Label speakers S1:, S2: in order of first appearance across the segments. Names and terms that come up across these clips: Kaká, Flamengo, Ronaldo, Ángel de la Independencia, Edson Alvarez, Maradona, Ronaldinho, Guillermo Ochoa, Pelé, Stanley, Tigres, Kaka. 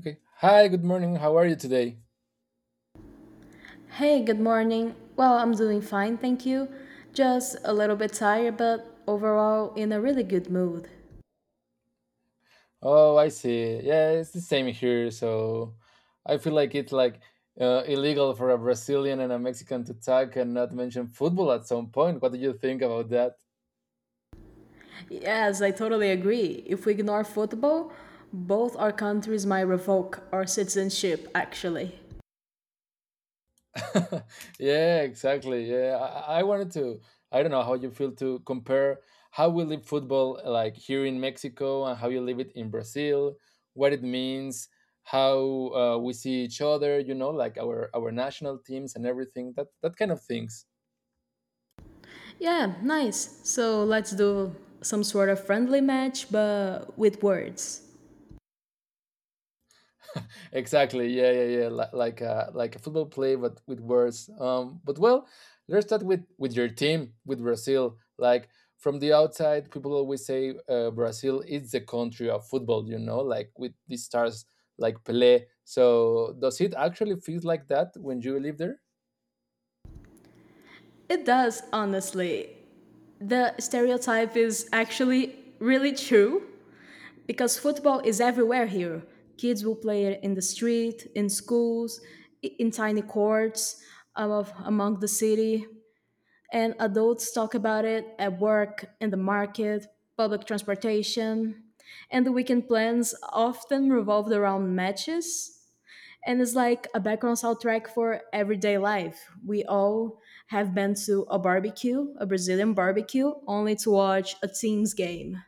S1: Okay. Hi, good morning. How are you today?
S2: Hey, good morning. Well, I'm doing fine, thank you. Just a little bit tired, but overall in a really good mood.
S1: Oh, I see. Yeah, it's the same here. So I feel like it's like illegal for a Brazilian and a Mexican to talk and not mention football at some point. What do you think about that?
S2: Yes, I totally agree. If we ignore football, both our countries might revoke our citizenship, actually.
S1: yeah, exactly. Yeah, I wanted to. I don't know how you feel to compare how we live football like here in Mexico and how you live it in Brazil. What it means, how we see each other. You know, like our national teams and everything. That kind of things.
S2: Yeah, nice. So let's do some sort of friendly match, but with words.
S1: exactly. Yeah, yeah, yeah. Like a football play, but with words. But well, let's start with your team, with Brazil. Like from the outside, people always say Brazil is the country of football. You know, like with these stars like Pelé. So does it actually feel like that when you live there?
S2: It does, honestly. The stereotype is actually really true. Because football is everywhere here. Kids will play it in the street, in schools, in tiny courts of, among the city, and adults talk about it at work, in the market, public transportation. And the weekend plans often revolved around matches, and it's like a background soundtrack for everyday life. We all have been to a barbecue, a Brazilian barbecue, only to watch a team's game.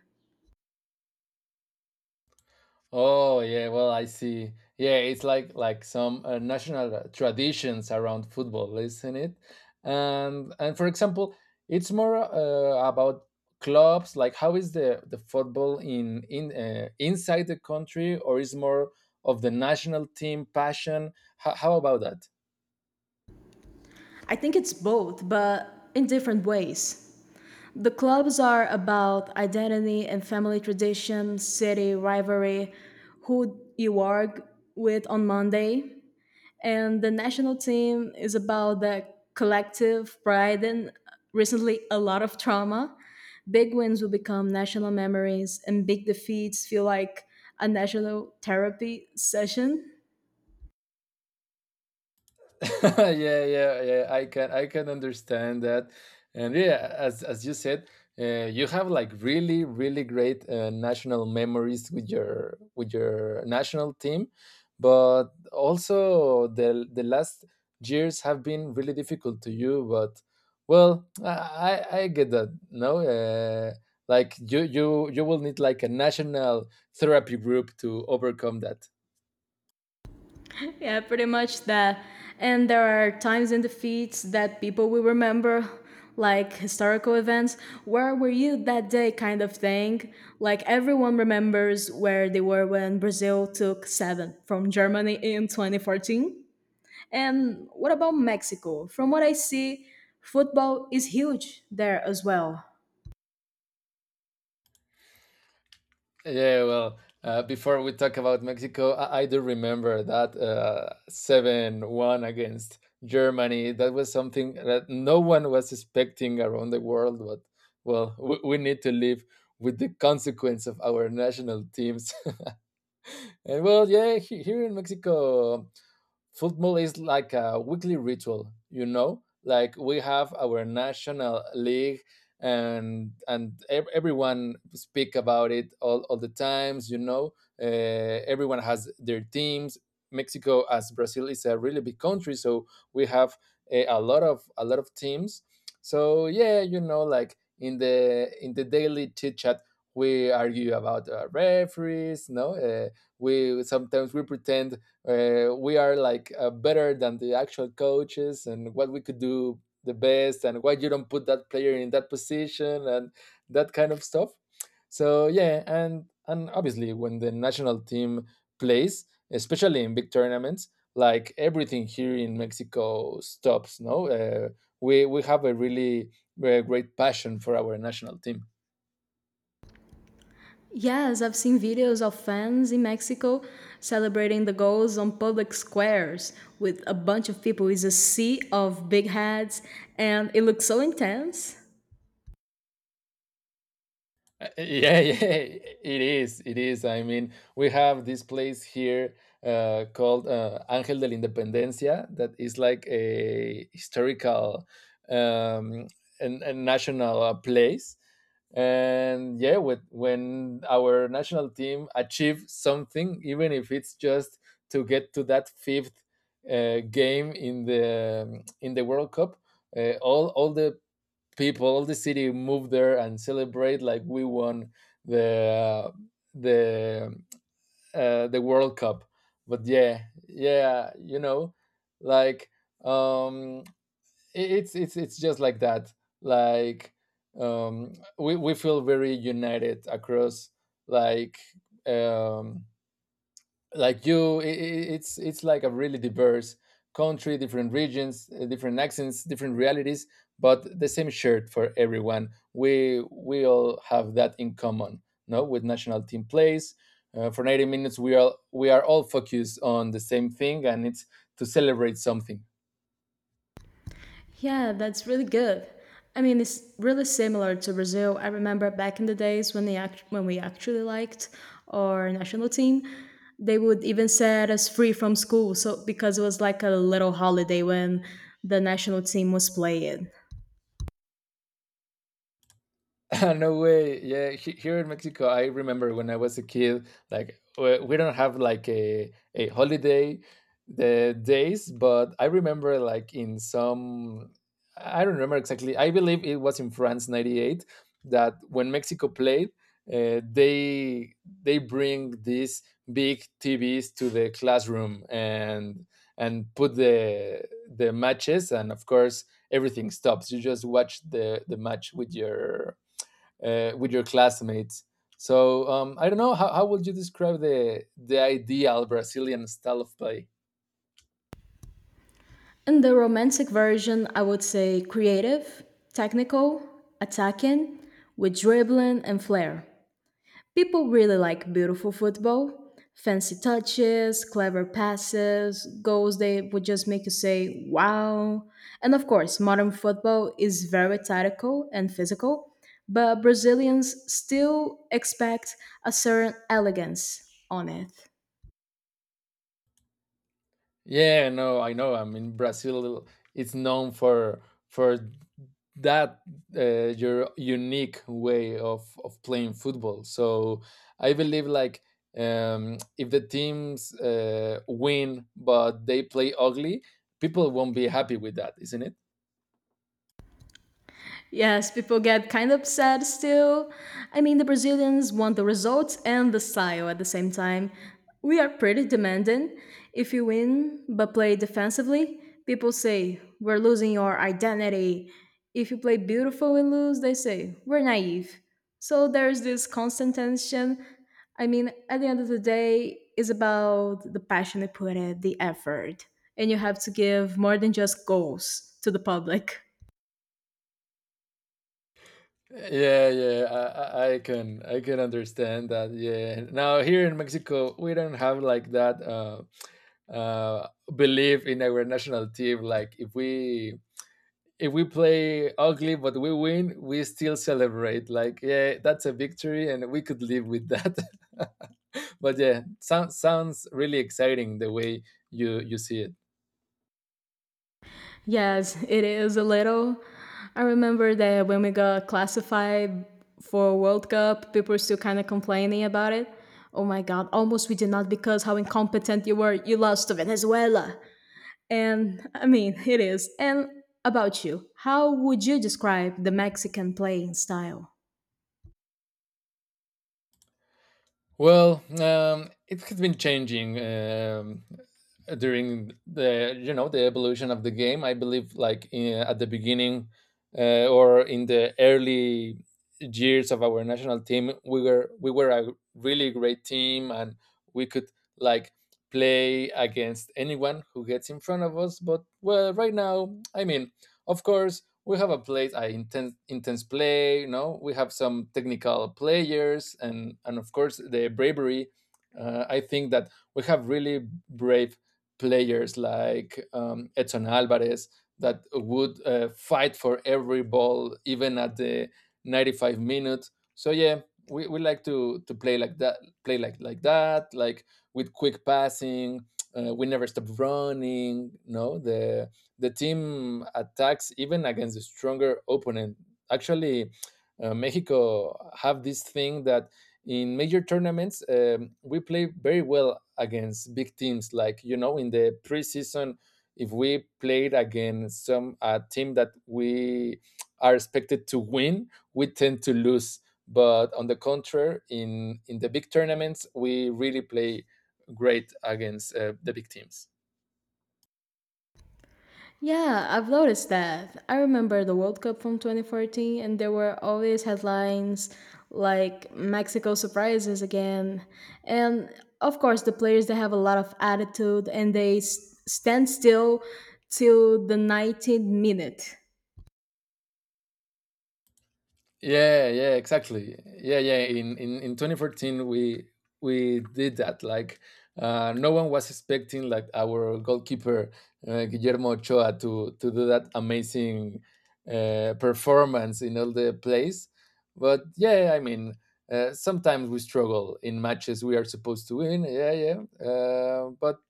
S1: Oh yeah, well I see. Yeah, it's like some national traditions around football, isn't it? And for example, it's more about clubs. Like how is the football in inside the country, or is more of the national team passion? How about that?
S2: I think it's both, but in different ways. The clubs are about identity and family tradition, city rivalry, who you argue with on Monday. And the national team is about the collective pride and recently a lot of trauma. Big wins will become national memories, and big defeats feel like a national therapy session.
S1: yeah, yeah, yeah. I can understand that, and yeah, as you said, you have like really really great national memories with your national team, but also the last years have been really difficult to you. But well, I get that. No, like you will need like a national therapy group to overcome.
S2: Yeah, pretty much that. And there are times in the feeds that people will remember, like historical events. Where were you that day, kind of thing? Like everyone remembers where they were when Brazil took seven from Germany in 2014. And what about Mexico? From what I see, football is huge there as well.
S1: Yeah, well, before we talk about Mexico, I do remember that 7-1 against Germany. That was something that no one was expecting around the world, but well, we need to live with the consequence of our national teams. and well, yeah, here in Mexico, football is like a weekly ritual, you know? Like we have our national league and everyone speak about it all the times, you know? Everyone has their teams. Mexico as Brazil is a really big country, so we have a lot of teams. So yeah, you know, like in the daily chit chat, we argue about referees. No, we sometimes we pretend we are like better than the actual coaches and what we could do the best and why you don't put that player in that position and that kind of stuff. So yeah, and obviously when the national team plays, especially in big tournaments, like everything here in Mexico stops. No, we have a really great passion for our national team.
S2: Yes, I've seen videos of fans in Mexico celebrating the goals on public squares with a bunch of people. It's a sea of big hats, and it looks so intense.
S1: Yeah, yeah, it is. It is. I mean, we have this place here called Ángel de la Independencia that is like a historical um, and national place. And yeah, with, when our national team achieve something, even if it's just to get to that fifth game in the World Cup, all the people of the city move there and celebrate like we won the the the World Cup. But yeah, yeah, you know, like um, it's just like that. Like um, we feel very united across like um, like you it's like a really diverse country, different regions, different accents, different realities, but the same shirt for everyone. We all have that in common. No, with national team plays, for 90 minutes we are all focused on the same thing, and it's to celebrate something.
S2: Yeah, that's really good. I mean, it's really similar to Brazil. I remember back in the days when we actually liked our national team. They would even set us free from school, because it was like a little holiday when the national team was playing.
S1: no way. Yeah, here in Mexico, I remember when I was a kid, like we don't have like a holiday the days, but I remember like in some, I don't remember exactly. I believe it was in France 98 that when Mexico played, uh, they they bring these big TVs to the classroom and put the matches, and of course everything stops. You just watch the match with your classmates. So I don't know how would you describe the ideal Brazilian style of play?
S2: In the romantic version, I would say creative, technical, attacking, with dribbling and flair. People really like beautiful football, fancy touches, clever passes, goals they would just make you say, wow. And of course, modern football is very tactical and physical, but Brazilians still expect a certain elegance on it.
S1: Yeah, no, I know. I mean, Brazil, it's known for that your unique way of playing football. So I believe like if the teams win but they play ugly, people won't be happy with that, isn't it?
S2: Yes, people get kind of upset still. I mean, the Brazilians want the results and the style at the same time. We are pretty demanding. If you win but play defensively, people say, "We're losing your identity." If you play beautiful and lose, they say, "We're naive." So there's this constant tension. I mean, at the end of the day, it's about the passion you put it, the effort. And you have to give more than just goals to the public.
S1: Yeah, yeah, I can understand that. Yeah. Now here in Mexico, we don't have like that uh, belief in our national team. Like if we play ugly but we win, we still celebrate. Like yeah, that's a victory, and we could live with that. but yeah, sounds really exciting the way you you see it.
S2: Yes, it is a little. I remember that when we got classified for World Cup, people were still kind of complaining about it. Oh my God, almost we did not, because how incompetent you were. You lost to Venezuela. And I mean, it is. And about you, how would you describe the Mexican playing style?
S1: Well, it has been changing during the, you know, the evolution of the game. I believe like in, at the beginning or in the early years of our national team, we were a really great team and we could like play against anyone who gets in front of us. But well, right now, I mean, of course we have a place, a intense play, you know, we have some technical players, and of course the bravery. I think that we have really brave players like Edson alvarez that would fight for every ball even at the 95 minute. So yeah, we like to play like that, play like that with quick passing. We never stop running. No, the team attacks even against a stronger opponent. Actually, Mexico have this thing that in major tournaments, we play very well against big teams. Like you know, in the preseason, if we played against some team that we are expected to win, we tend to lose. But on the contrary, in the big tournaments, we really play great against the big teams.
S2: Yeah, I've noticed that. I remember the World Cup from 2014, and there were always headlines like Mexico surprises again. And of course, the players, they have a lot of attitude, and they stand still till the 90th minute.
S1: Yeah, yeah, exactly. Yeah, yeah. In 2014, we did that. Like, no one was expecting like our goalkeeper, Guillermo Ochoa, to do that amazing performance in all the plays. But yeah, I mean, sometimes we struggle in matches we are supposed to win. Yeah, yeah. Uh, but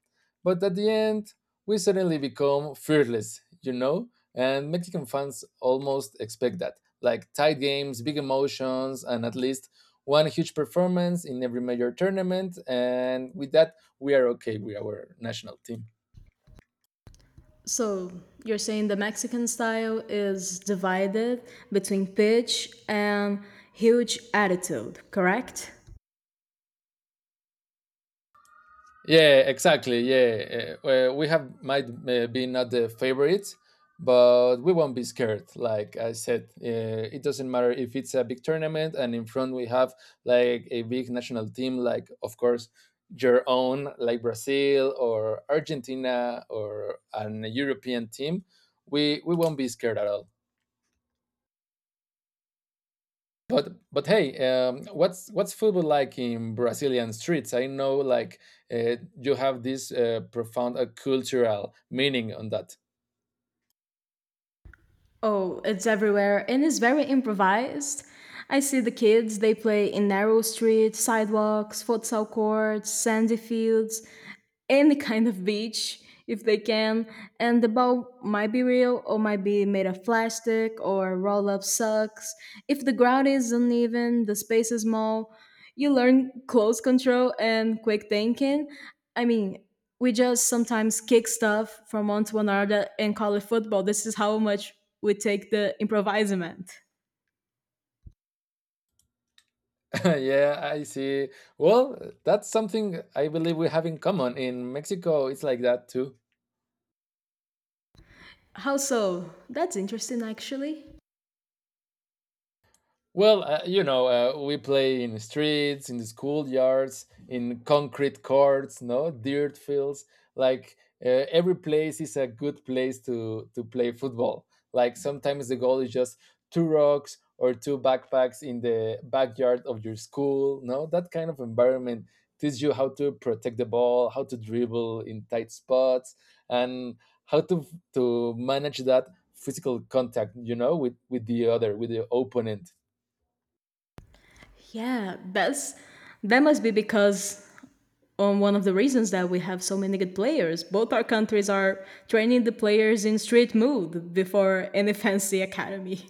S1: but at the end, we suddenly become fearless. You know, and Mexican fans almost expect that, like tight games, big emotions, and at least one huge performance in every major tournament. And with that, we are okay with our national team.
S2: So you're saying the Mexican style is divided between pitch and huge attitude, correct?
S1: Yeah, exactly. Yeah, we have might be not the favorites, but we won't be scared. Like I said, it doesn't matter if it's a big tournament, and in front we have like a big national team, like of course your own, like Brazil or Argentina or an European team. We won't be scared at all. But hey, what's football like in Brazilian streets? I know, like uh, you have this profound cultural meaning on that.
S2: Oh, it's everywhere, and it's very improvised. I see the kids, they play in narrow streets, sidewalks, futsal courts, sandy fields, any kind of beach if they can. And the boat might be real or might be made of plastic or roll up socks. If the ground is uneven, the space is small, you learn close control and quick thinking. I mean, we just sometimes kick stuff from one to another and call it football. This is how much we take the improvisement.
S1: yeah, I see. Well, that's something I believe we have in common in Mexico. It's like that too.
S2: How so? That's interesting, actually.
S1: Well, you know, we play in the streets, in the schoolyards, in concrete courts, no dirt fields. Like every place is a good place to play football. Like sometimes the goal is just two rocks or two backpacks in the backyard of your school. No, that kind of environment teaches you how to protect the ball, how to dribble in tight spots, and how to manage that physical contact, you know, with the other, with the opponent.
S2: Yeah, that must be because on one of the reasons that we have so many good players. Both our countries are training the players in street mood before any fancy academy.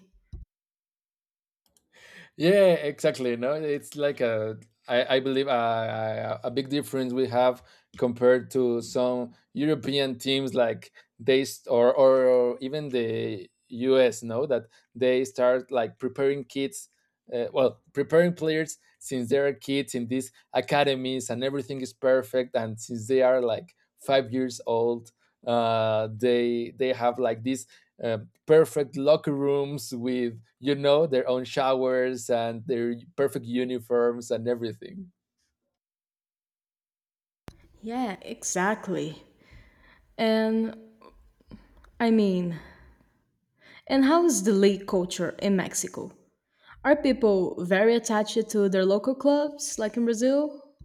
S1: Yeah, exactly. No, it's like a, I believe a big difference we have compared to some European teams like they or even the US. No, that they start like preparing kids, preparing players since they are kids in these academies, and everything is perfect, and since they are like 5 years old, they have like this uh, perfect locker rooms with, you know, their own showers and their perfect uniforms and everything.
S2: Yeah. Exactly. And I mean, and how is the league culture in Mexico? Are people very attached to their local clubs like in Brazil?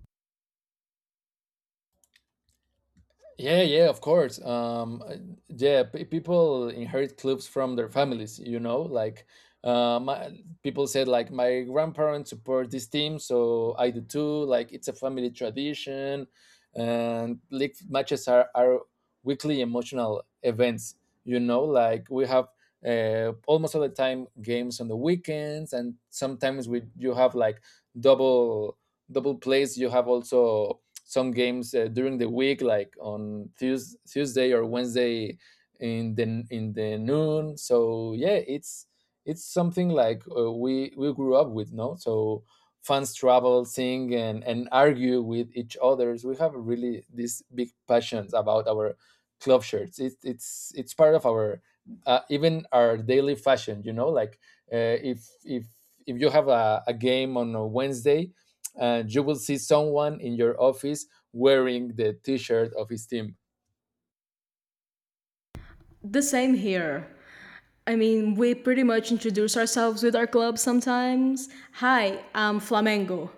S1: Yeah, yeah, of course. Yeah, pe people inherit clubs from their families, you know, like people said, like, my grandparents support this team, so I do too. Like, it's a family tradition, and league matches are weekly emotional events, you know, like we have almost all the time games on the weekends, and sometimes we you have like double double plays. You have also some games during the week, like on Tuesday or Wednesday in the noon. So yeah, it's something like we grew up with, no? So fans travel, sing, and argue with each others. We have really these big passions about our club shirts. It's part of our even our daily fashion. You know, like uh, if if if you have a game on a Wednesday, and you will see someone in your office wearing the t-shirt of his team.
S2: The same here. I mean, we pretty much introduce ourselves with our club sometimes. Hi, I'm Flamengo.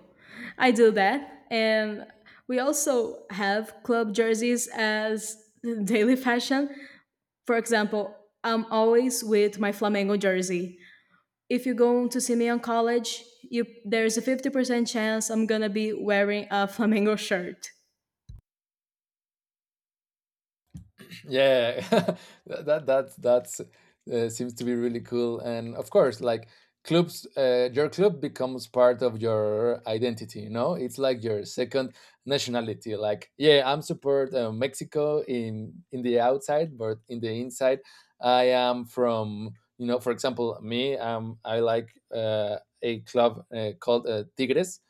S2: I do that. And we also have club jerseys as daily fashion. For example, I'm always with my Flamengo jersey. If you're going to see me on college, there's a 50% chance I'm going to be wearing a Flamengo shirt.
S1: Yeah, that's seems to be really cool, and of course, like clubs, your club becomes part of your identity. You know, it's like your second nationality. Like, yeah, I'm support Mexico in the outside, but in the inside, I am from. You know, for example, me, I like a club called Tigres,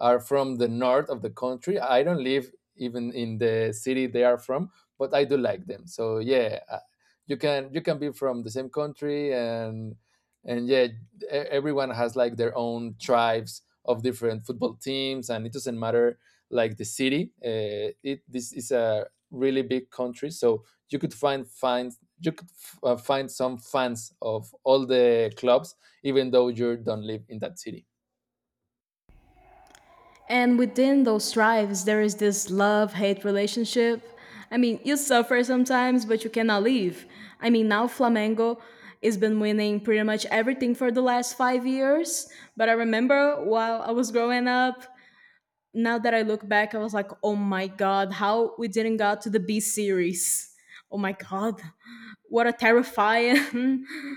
S1: are from the north of the country. I don't live even in the city they are from, but I do like them. So yeah, you can be from the same country, and yeah, everyone has like their own tribes of different football teams, and it doesn't matter like the city. It This is a really big country, so you could find find you could find some fans of all the clubs, even though you don't live in that city.
S2: And within those strives, there is this love hate relationship. I mean, you suffer sometimes, but you cannot leave. I mean, now Flamengo has been winning pretty much everything for the last 5 years. But I remember while I was growing up, now that I look back, I was like, oh my God, how we didn't got to the B series. Oh my God, what a terrifying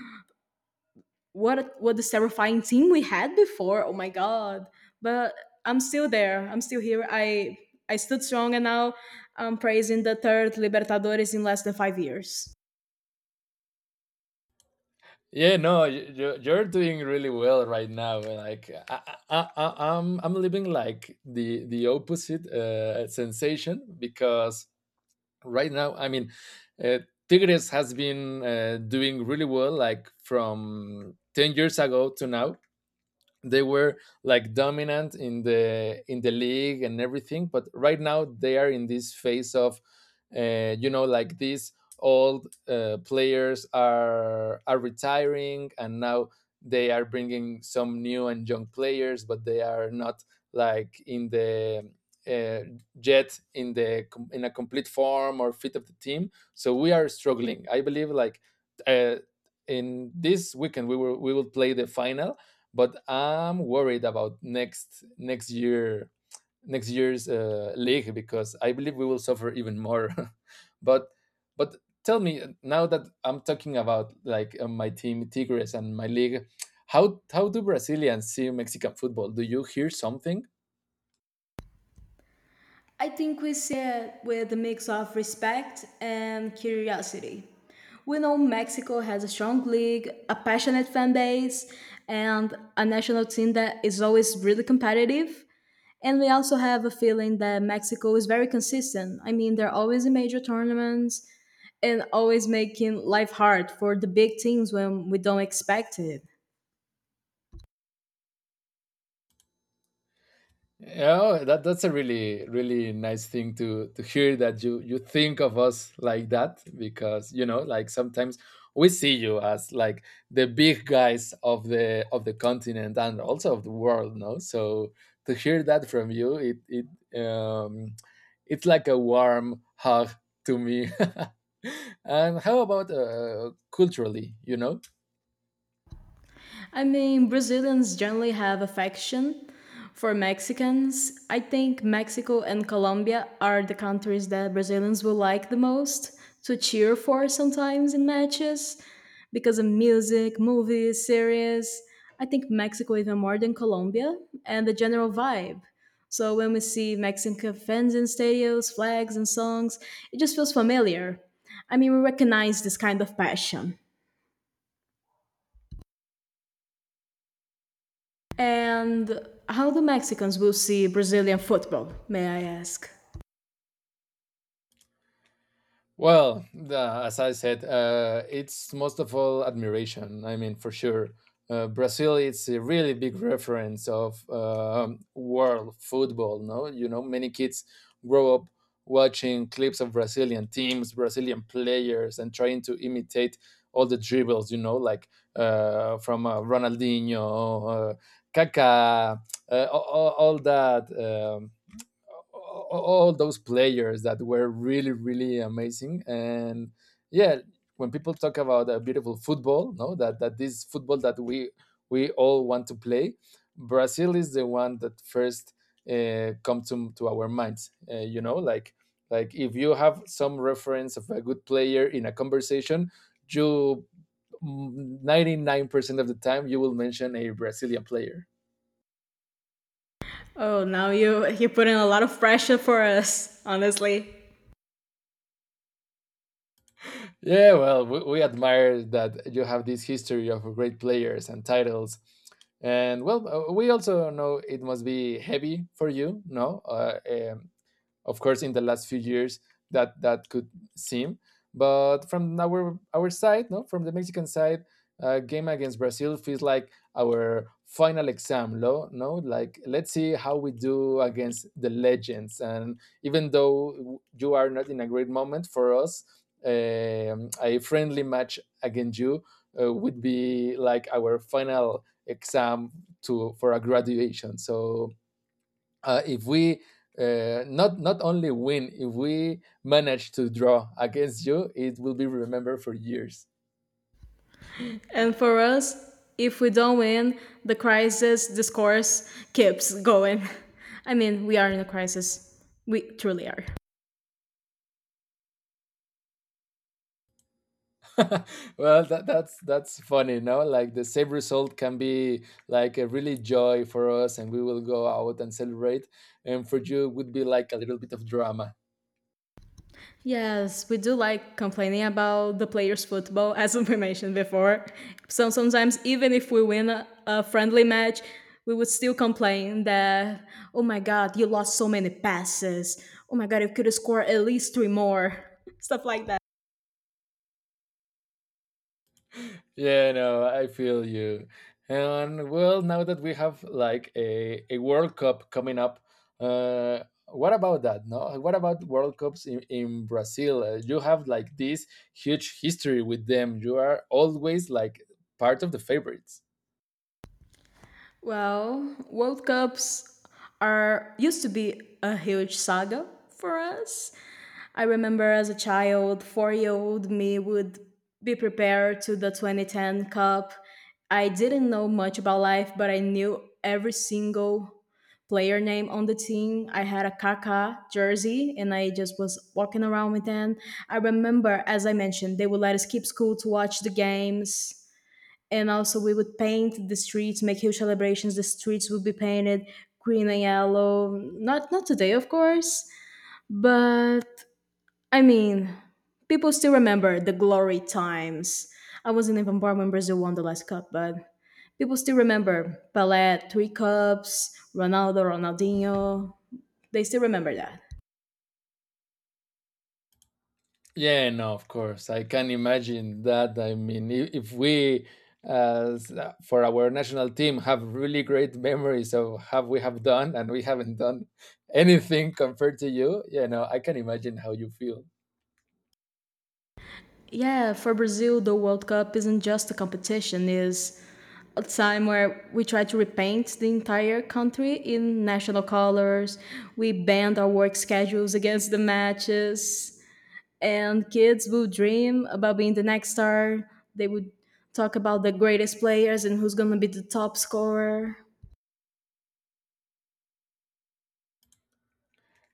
S2: what this terrifying team we had before. Oh my god! But I'm still there. I'm still here. I stood strong, and now I'm praising the third Libertadores in less than 5 years.
S1: Yeah, no, you're doing really well right now. Like I'm living like the opposite sensation because right now, I mean, uh, Tigres has been doing really well, like from 10 years ago to now. They were like dominant in the league and everything, but right now they are in this phase of you know, like these old players are retiring, and now they are bringing some new and young players, but they are not like in the uh, yet in in a complete form or fit of the team, so we are struggling, I believe. Like uh, in this weekend we will play the final, but I'm worried about next year's league, because I believe we will suffer even more. but but tell me, now that I'm talking about like my team Tigres and my league, how do Brazilians see Mexican football? Do you hear something?
S2: I think we see it with a mix of respect and curiosity. We know Mexico has a strong league, a passionate fan base, and a national team that is always really competitive. And we also have a feeling that Mexico is very consistent. I mean, they're always in major tournaments and always making life hard for the big teams when we don't expect it.
S1: Yeah, that that's a really really nice thing to hear that you think of us like that, because you know, like sometimes we see you as like the big guys of the continent and also of the world, no? So to hear that from you, it um it's like a warm hug to me. And how about culturally, you know?
S2: I mean, Brazilians generally have affection for Mexicans. I think Mexico and Colombia are the countries that Brazilians will like the most to cheer for sometimes in matches, because of music, movies, series. I think Mexico even more than Colombia, and the general vibe. So when we see Mexican fans in stadiums, flags, and songs, it just feels familiar. I mean, we recognize this kind of passion. And how do Mexicans will see Brazilian football, may I ask?
S1: Well, as I said, it's most of all admiration. I mean, for sure, Brazil is a really big reference of world football. No, you know, many kids grow up watching clips of Brazilian teams, Brazilian players, and trying to imitate all the dribbles. You know, like from Ronaldinho, Kaká, all that. All those players that were really really amazing. And yeah, when people talk about a beautiful football, no, that that this football that we all want to play, Brazil is the one that first come to our minds, you know, like if you have some reference of a good player in a conversation, you 99% of the time you will mention a Brazilian player.
S2: Oh, now you put in a lot of pressure for us, honestly.
S1: Yeah, well, we admire that you have this history of great players and titles. And well, we also know it must be heavy for you, no? Of course, in the last few years, that could seem, but from our side, no, from the Mexican side, game against Brazil feels like our final exam, no, no, like let's see how we do against the legends. And even though you are not in a great moment, for us, a friendly match against you would be like our final exam to for a graduation. So if we not only win, if we manage to draw against you, it will be remembered for years.
S2: And for us, if we don't win, the crisis discourse keeps going. I mean, we are in a crisis. We truly are.
S1: Well, that's funny, no? Like the same result can be like a really joy for us, and we will go out and celebrate. And for you, it would be like a little bit of drama.
S2: Yes, we do like complaining about the players' football, as we mentioned before. So sometimes, even if we win a friendly match, we would still complain that, oh my god, you lost so many passes. Oh my god, you could score at least three more. Stuff like that.
S1: Yeah, no, I feel you. And well, now that we have like a World Cup coming up, what about that? No, what about World Cups in Brazil? You have like this huge history with them. You are always like part of the favorites.
S2: Well, World Cups are used to be a huge saga for us. I remember as a child, 4-year-old me would be prepared to the 2010 Cup. I didn't know much about life, but I knew every single player name on the team. I had a Kaka jersey, and I just was walking around with them. I remember, as I mentioned, they would let us keep school to watch the games. And also, we would paint the streets, make huge celebrations. The streets would be painted green and yellow. Not today, of course, but I mean, people still remember the glory times. I wasn't even born when Brazil won the last cup, but people still remember Pelé, three cups, Ronaldo, Ronaldinho. They still remember that.
S1: Yeah, no, of course. I can imagine that. I mean, if we, as for our national team, have really great memories of have we have done and we haven't done anything compared to you, you know, I can imagine how you feel.
S2: Yeah, for Brazil, the World Cup isn't just a competition, it's a time where we try to repaint the entire country in national colors. We band our work schedules against the matches. And kids will dream about being the next star. They would talk about the greatest players and who's gonna be the top scorer.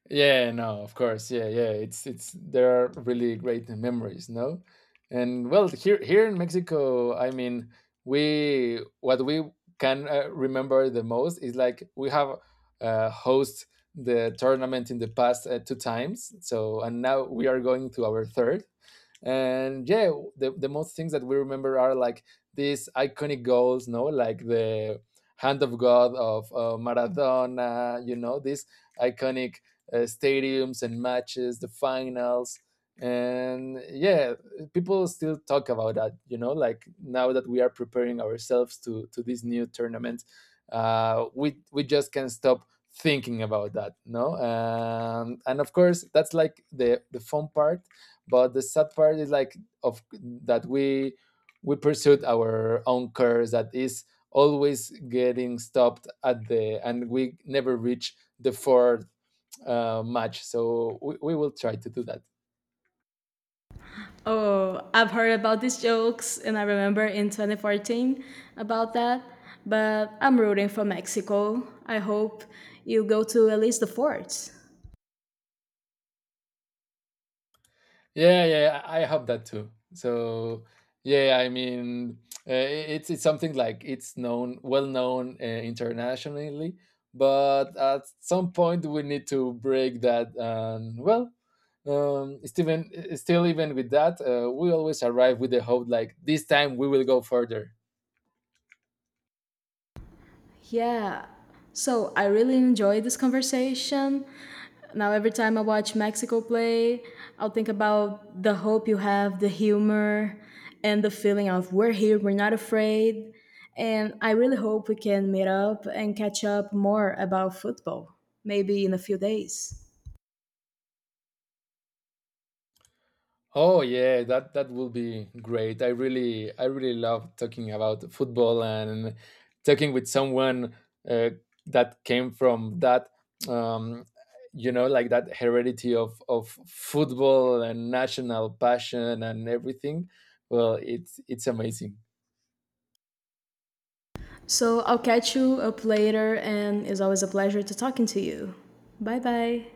S1: Yeah, no, of course. Yeah, yeah. It's there are really great memories, no? And well, here in Mexico, I mean, we what we can remember the most is like we have host the tournament in the past two times. So and now we are going to our third. And yeah, the most things that we remember are like these iconic goals, no, like the hand of god of Maradona, you know, these iconic stadiums and matches, the finals. And yeah, people still talk about that, you know, like now that we are preparing ourselves to this new tournament, we just can't stop thinking about that, no. And of course that's like the fun part, but the sad part is like of that we pursued our own course that is always getting stopped at the, and we never reach the fourth match. So we will try to do that.
S2: Oh, I've heard about these jokes, and I remember in 2014 about that. But I'm rooting for Mexico. I hope you go to at least the fourth.
S1: Yeah, yeah, yeah, I have that too. So yeah, yeah, I mean, it's something like it's known, well known internationally, but at some point we need to break that. And well, Steven, still even with that, we always arrive with the hope like this time we will go further.
S2: Yeah. So I really enjoyed this conversation. Now, every time I watch Mexico play, I'll think about the hope you have, the humor, and the feeling of we're here, we're not afraid. And I really hope we can meet up and catch up more about football, maybe in a few days.
S1: Oh yeah, that that will be great. I really love talking about football and talking with someone uh, that came from that um, you know, like that heredity of football and national passion and everything. Well, it's amazing.
S2: So I'll catch you up later, and it's always a pleasure to talking to you. Bye bye.